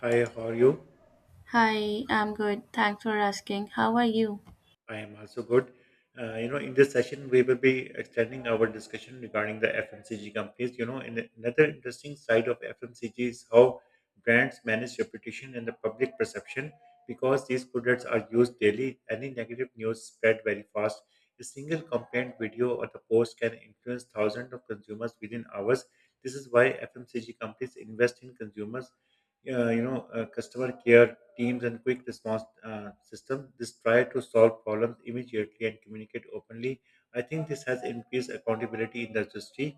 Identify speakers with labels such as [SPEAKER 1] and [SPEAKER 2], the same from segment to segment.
[SPEAKER 1] Hi, how are you?
[SPEAKER 2] Hi, I'm good. Thanks for asking. How are you?
[SPEAKER 1] I am also good. In this session, we will be extending our discussion regarding the FMCG companies. And another interesting side of FMCG is how brands manage reputation and the public perception because these products are used daily. Any negative news spread very fast. A single complaint video or the post can influence thousands of consumers within hours. This is why FMCG companies invest in consumers customer care teams and quick response system this try to solve problems immediately and communicate openly. I think this has increased accountability in the industry.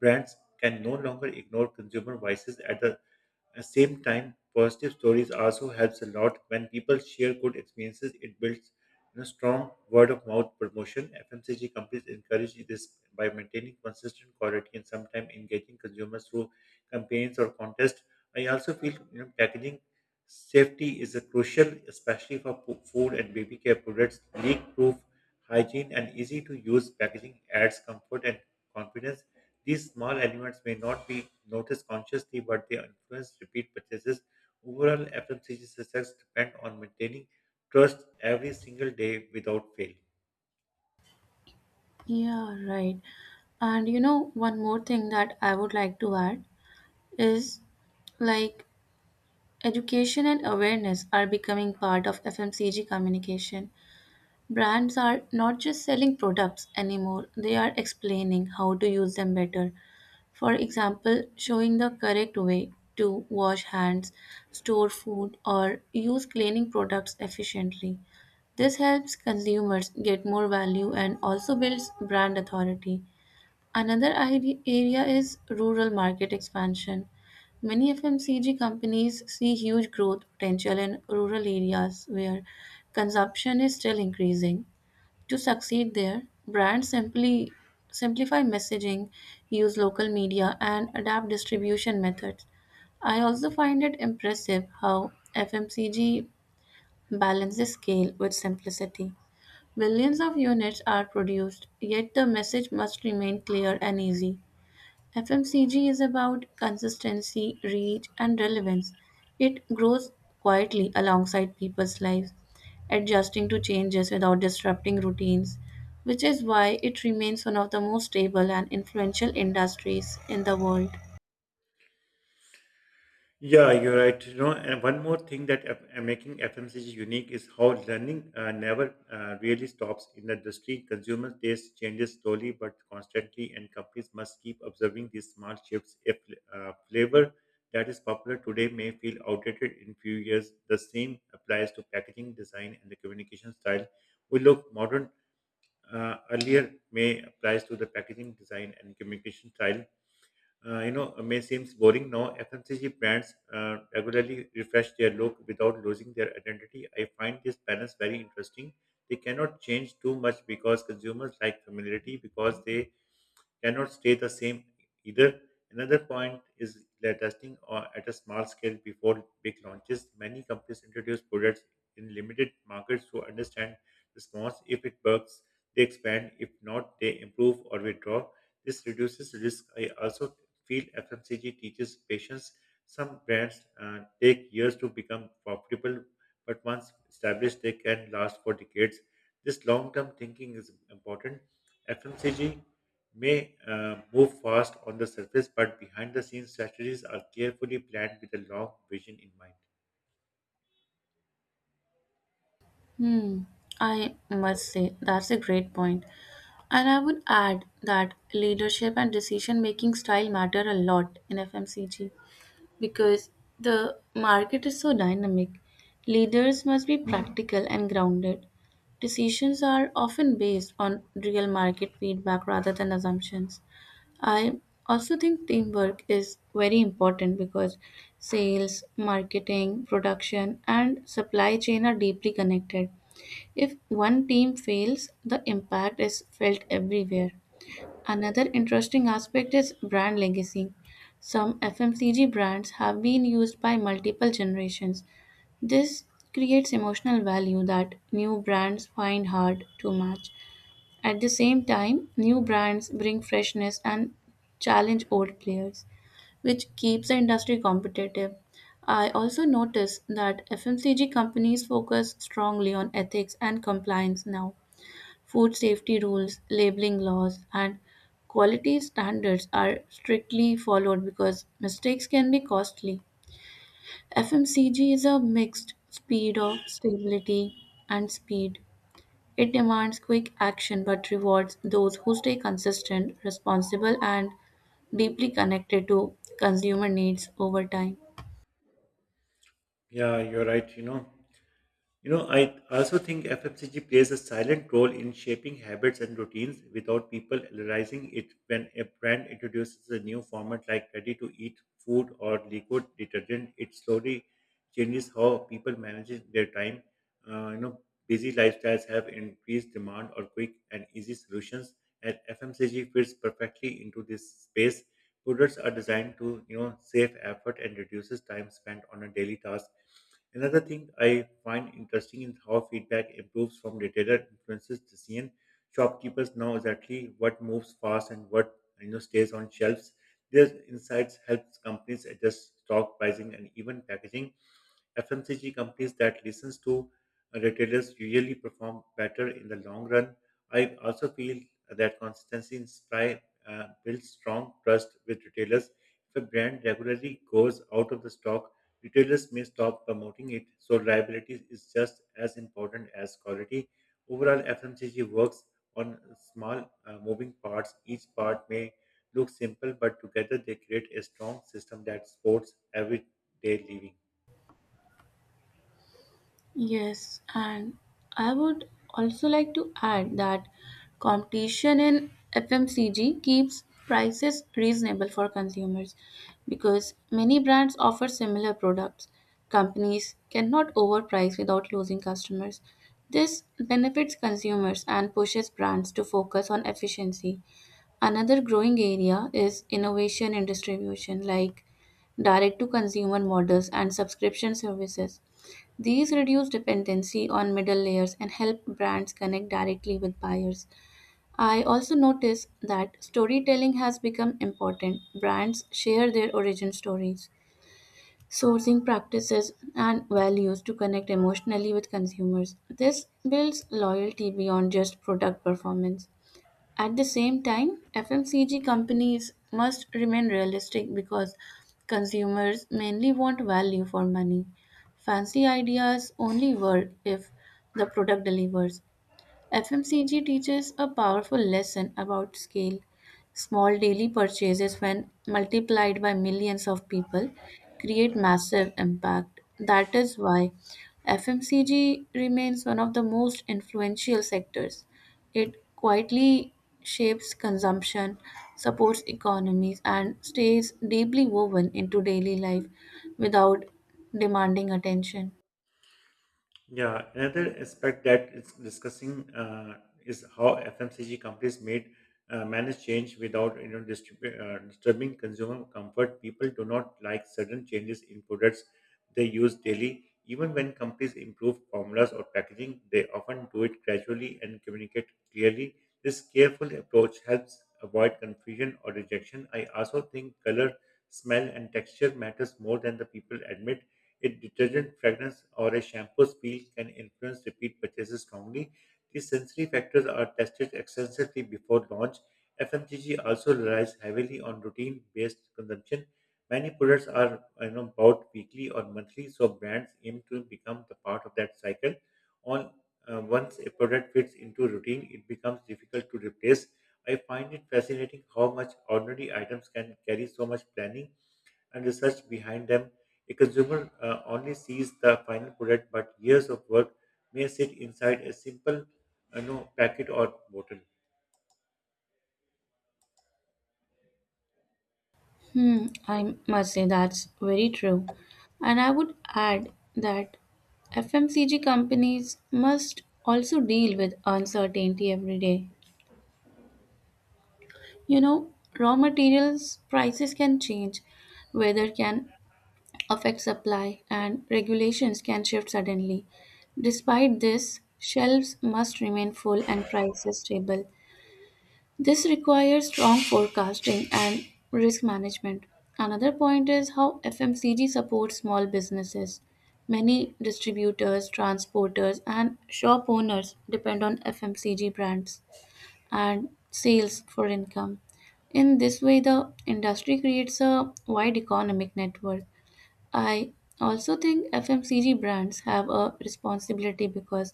[SPEAKER 1] Brands can no longer ignore consumer voices At the same time, positive stories also helps a lot. When people share good experiences, it builds, strong word of mouth promotion. FMCG companies encourage this by maintaining consistent quality and sometimes engaging consumers through campaigns or contests. I also feel, packaging safety is a crucial, especially for food and baby care products. Leak-proof, hygiene, and easy-to-use packaging adds comfort and confidence. These small elements may not be noticed consciously, but they influence repeat purchases. Overall, FMCG success depends on maintaining trust every single day without fail.
[SPEAKER 2] Yeah, right. And you know, one more thing that I would like to add is like education and awareness are becoming part of FMCG communication. Brands are not just selling products anymore, they are explaining how to use them better. For example, showing the correct way to wash hands, store food, or use cleaning products efficiently. This helps consumers get more value and also builds brand authority. Another area is rural market expansion. Many FMCG companies see huge growth potential in rural areas where consumption is still increasing. To succeed there, brands simply simplify messaging, use local media, and adapt distribution methods. I also find it impressive how FMCG balances scale with simplicity. Millions of units are produced, yet the message must remain clear and easy. FMCG is about consistency, reach, and relevance. It grows quietly alongside people's lives, adjusting to changes without disrupting routines, which is why it remains one of the most stable and influential industries in the world.
[SPEAKER 1] Yeah, you're right. You know, and one more thing that F- Making FMCG unique is how learning never really stops in the industry. Consumer taste changes slowly but constantly, and companies must keep observing these small shifts. If Flavor that is popular today may feel outdated in few years, the same applies to packaging design and the communication style. We look modern earlier may applies to the packaging design and communication style You know may seems boring now. FMCG brands regularly refresh their look without losing their identity. I find this balance very interesting. They cannot change too much because consumers like familiarity, because they cannot stay the same either. Another point is that testing or at a small scale before big launches. Many companies introduce products in limited markets to understand response. If it works, they expand. If not, they improve or withdraw. This reduces risk. I also feel FMCG teaches patience. Some brands take years to become profitable, but once established, they can last for decades. This long term thinking is important. FMCG may move fast on the surface, but behind the scenes strategies are carefully planned with a long vision in mind.
[SPEAKER 2] Hmm, I must say, that's a great point. And I would add that leadership and decision making style matter a lot in FMCG because the market is so dynamic. Leaders must be practical and grounded. Decisions are often based on real market feedback rather than assumptions. I also think teamwork is very important because sales, marketing, production, and supply chain are deeply connected. If one team fails, the impact is felt everywhere. Another interesting aspect is brand legacy. Some FMCG brands have been used by multiple generations. This creates emotional value that new brands find hard to match. At the same time, new brands bring freshness and challenge old players, which keeps the industry competitive. I also notice that FMCG companies focus strongly on ethics and compliance now. Food safety rules, labeling laws, and quality standards are strictly followed because mistakes can be costly. FMCG is a mixed speed of stability and speed. It demands quick action but rewards those who stay consistent, responsible, and deeply connected to consumer needs over time.
[SPEAKER 1] Yeah, you're right. I also think FMCG plays a silent role in shaping habits and routines without people realizing it. When a brand introduces a new format like ready to eat food or liquid detergent, it slowly changes how people manage their time. Uh, you know, Busy lifestyles have increased demand or quick and easy solutions, and FMCG fits perfectly into this space. Products are designed to, save effort and reduces time spent on a daily task. Another thing I find interesting is how feedback improves from retailer influences decision. Shopkeepers know exactly what moves fast and what, stays on shelves. These insights helps companies adjust stock pricing and even packaging. FMCG companies that listens to retailers usually perform better in the long run. I also feel that consistency in supply builds strong trust with retailers. If a brand regularly goes out of the stock, retailers may stop promoting it. So reliability is just as important as quality. Overall, FMCG works on small moving parts. Each part may look simple, but together they create a strong system that supports everyday living.
[SPEAKER 2] Yes, and I would also like to add that competition in FMCG keeps prices reasonable for consumers because many brands offer similar products. Companies cannot overprice without losing customers. This benefits consumers and pushes brands to focus on efficiency. Another growing area is innovation in distribution, like direct to consumer models and subscription services. These reduce dependency on middle layers and help brands connect directly with buyers. I also notice that storytelling has become important. Brands share their origin stories, sourcing practices, and values to connect emotionally with consumers. This builds loyalty beyond just product performance. At the same time, FMCG companies must remain realistic because consumers mainly want value for money. Fancy ideas only work if the product delivers. FMCG teaches a powerful lesson about scale. Small daily purchases, when multiplied by millions of people, create massive impact. That is why FMCG remains one of the most influential sectors. It quietly shapes consumption, supports economies, and stays deeply woven into daily life without demanding attention.
[SPEAKER 1] Yeah, another aspect that it's discussing is how FMCG companies made manage change without, disturbing consumer comfort. People do not like sudden changes in products they use daily. Even when companies improve formulas or packaging, they often do it gradually and communicate clearly. This careful approach helps avoid confusion or rejection. I also think color, smell, and texture matters more than the people admit. A detergent fragrance or a shampoo smell can influence repeat purchases strongly. These sensory factors are tested extensively before launch. FMCG also relies heavily on routine-based consumption. Many products are, bought weekly or monthly, so brands aim to become the part of that cycle. On Once a product fits into routine, it becomes difficult to replace. I find it fascinating how much ordinary items can carry so much planning and research behind them. A consumer only sees the final product, but years of work may sit inside a simple, no, packet or bottle.
[SPEAKER 2] Hmm, I must say that's very true. And I would add that FMCG companies must also deal with uncertainty every day. You know, raw materials prices can change, weather can affect supply, and regulations can shift suddenly. Despite this, shelves must remain full and prices stable. This requires strong forecasting and risk management. Another point is how FMCG supports small businesses. Many distributors, transporters, and shop owners depend on FMCG brands and sales for income. In this way, the industry creates a wide economic network. I also think FMCG brands have a responsibility because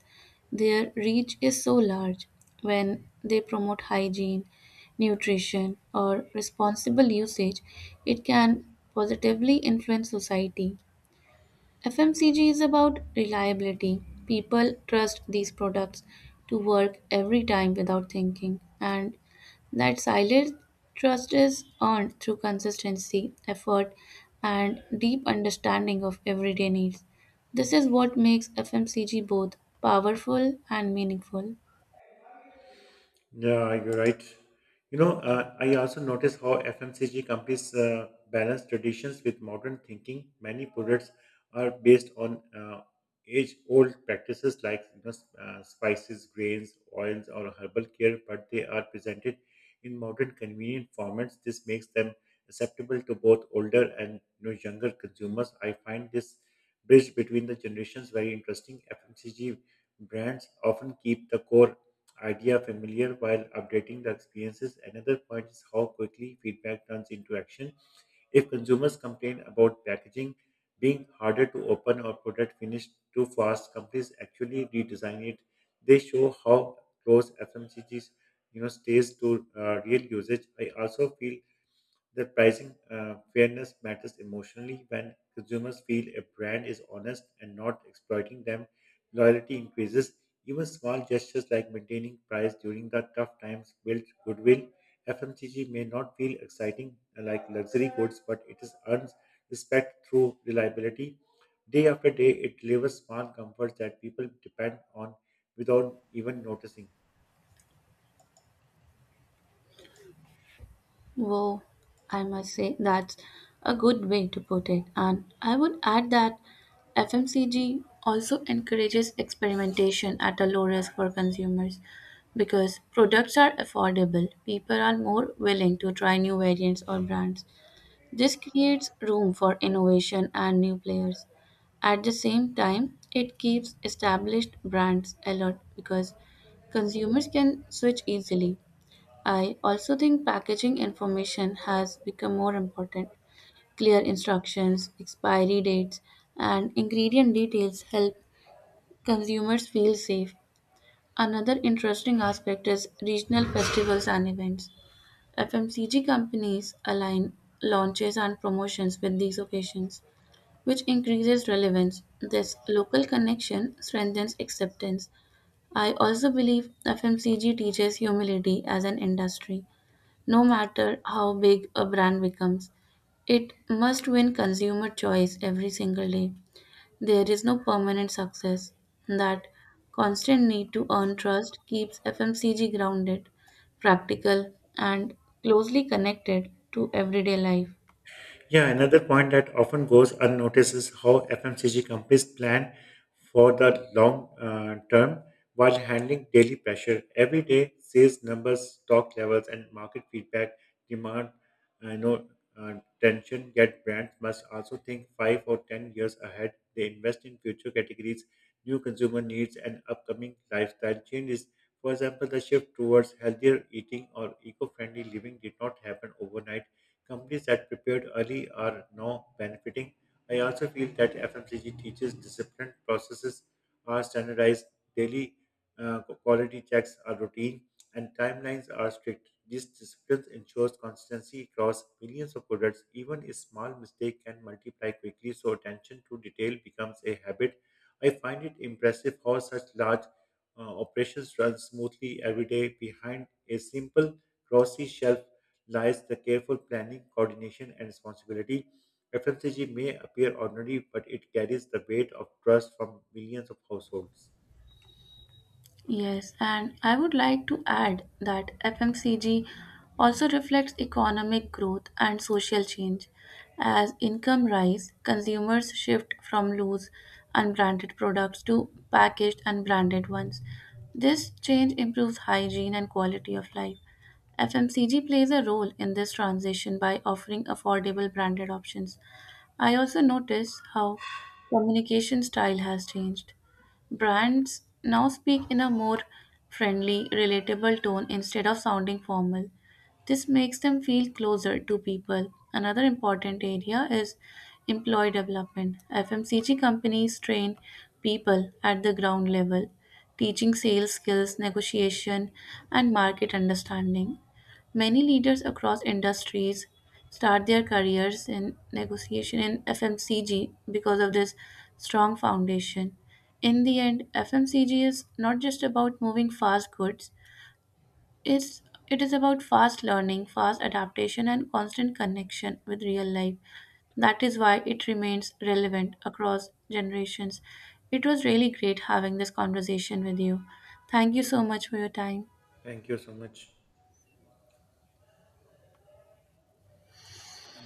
[SPEAKER 2] their reach is so large. When they promote hygiene, nutrition, or responsible usage, it can positively influence society. FMCG is about reliability. People trust these products to work every time without thinking, and that silent trust is earned through consistency, effort, and deep understanding of everyday needs. This is what makes FMCG both powerful and meaningful.
[SPEAKER 1] Yeah, you're right. I also notice how FMCG companies balance traditions with modern thinking. Many products are based on age-old practices like, spices, grains, oils, or herbal care, but they are presented in modern, convenient formats. This makes them acceptable to both older and, younger consumers. I find this bridge between the generations very interesting. FMCG brands often keep the core idea familiar while updating the experiences. Another point is how quickly feedback turns into action. If consumers complain about packaging being harder to open or product finished too fast, companies actually redesign it. They show how close FMCGs, stays to real usage. I also feel the pricing fairness matters emotionally. When consumers feel a brand is honest and not exploiting them, loyalty increases. Even small gestures like maintaining price during the tough times build goodwill. FMCG may not feel exciting like luxury goods, but it is earns respect through reliability. Day after day, it delivers small comforts that people depend on without even noticing.
[SPEAKER 2] Wow, I must say that's a good way to put it. And I would add that FMCG also encourages experimentation at a low risk for consumers. Because products are affordable, people are more willing to try new variants or brands. This creates room for innovation and new players. At the same time, it keeps established brands alert because consumers can switch easily. I also think packaging information has become more important. Clear instructions, expiry dates, and ingredient details help consumers feel safe. Another interesting aspect is regional festivals and events. FMCG companies align launches and promotions with these occasions, which increases relevance. This local connection strengthens acceptance. I also believe FMCG teaches humility as an industry. No matter how big a brand becomes, it must win consumer choice every single day. There is no permanent success. That constant need to earn trust keeps FMCG grounded, practical, and closely connected to everyday life.
[SPEAKER 1] Yeah, another point that often goes unnoticed is how FMCG companies plan for the long term while handling daily pressure. Every day, sales numbers, stock levels, and market feedback demand, no, uh, tension, yet brands must also think 5 or 10 years ahead. They invest in future categories, new consumer needs, and upcoming lifestyle changes. For example, the shift towards healthier eating or eco friendly living did not happen overnight. Companies that prepared early are now benefiting. I also feel that FMCG teaches discipline, processes are standardized, daily quality checks are routine, and timelines are strict. This discipline ensures consistency across millions of products. Even a small mistake can multiply quickly, so attention to detail becomes a habit. I find it impressive how such large operations run smoothly every day. Behind a simple crossy shelf lies the careful planning, coordination, and responsibility. FMCG may appear ordinary, but it carries the weight of trust from millions of households.
[SPEAKER 2] Yes, and I would like to add that FMCG also reflects economic growth and social change. As income rise, consumers shift from loose unbranded products to packaged and branded ones. This change improves hygiene and quality of life. FMCG plays a role in this transition by offering affordable branded options. I also notice how communication style has changed. Brands now speak in a more friendly, relatable tone instead of sounding formal. This makes them feel closer to people. Another important area is employee development. FMCG companies train people at the ground level, teaching sales skills, negotiation, and market understanding. Many leaders across industries start their careers in negotiation in FMCG because of this strong foundation. In the end, FMCG is not just about moving fast goods, it's, it is about fast learning, fast adaptation, and constant connection with real life. That is why it remains relevant across generations. It was really great having this conversation with you. Thank you so much for your time.
[SPEAKER 1] Thank you so much.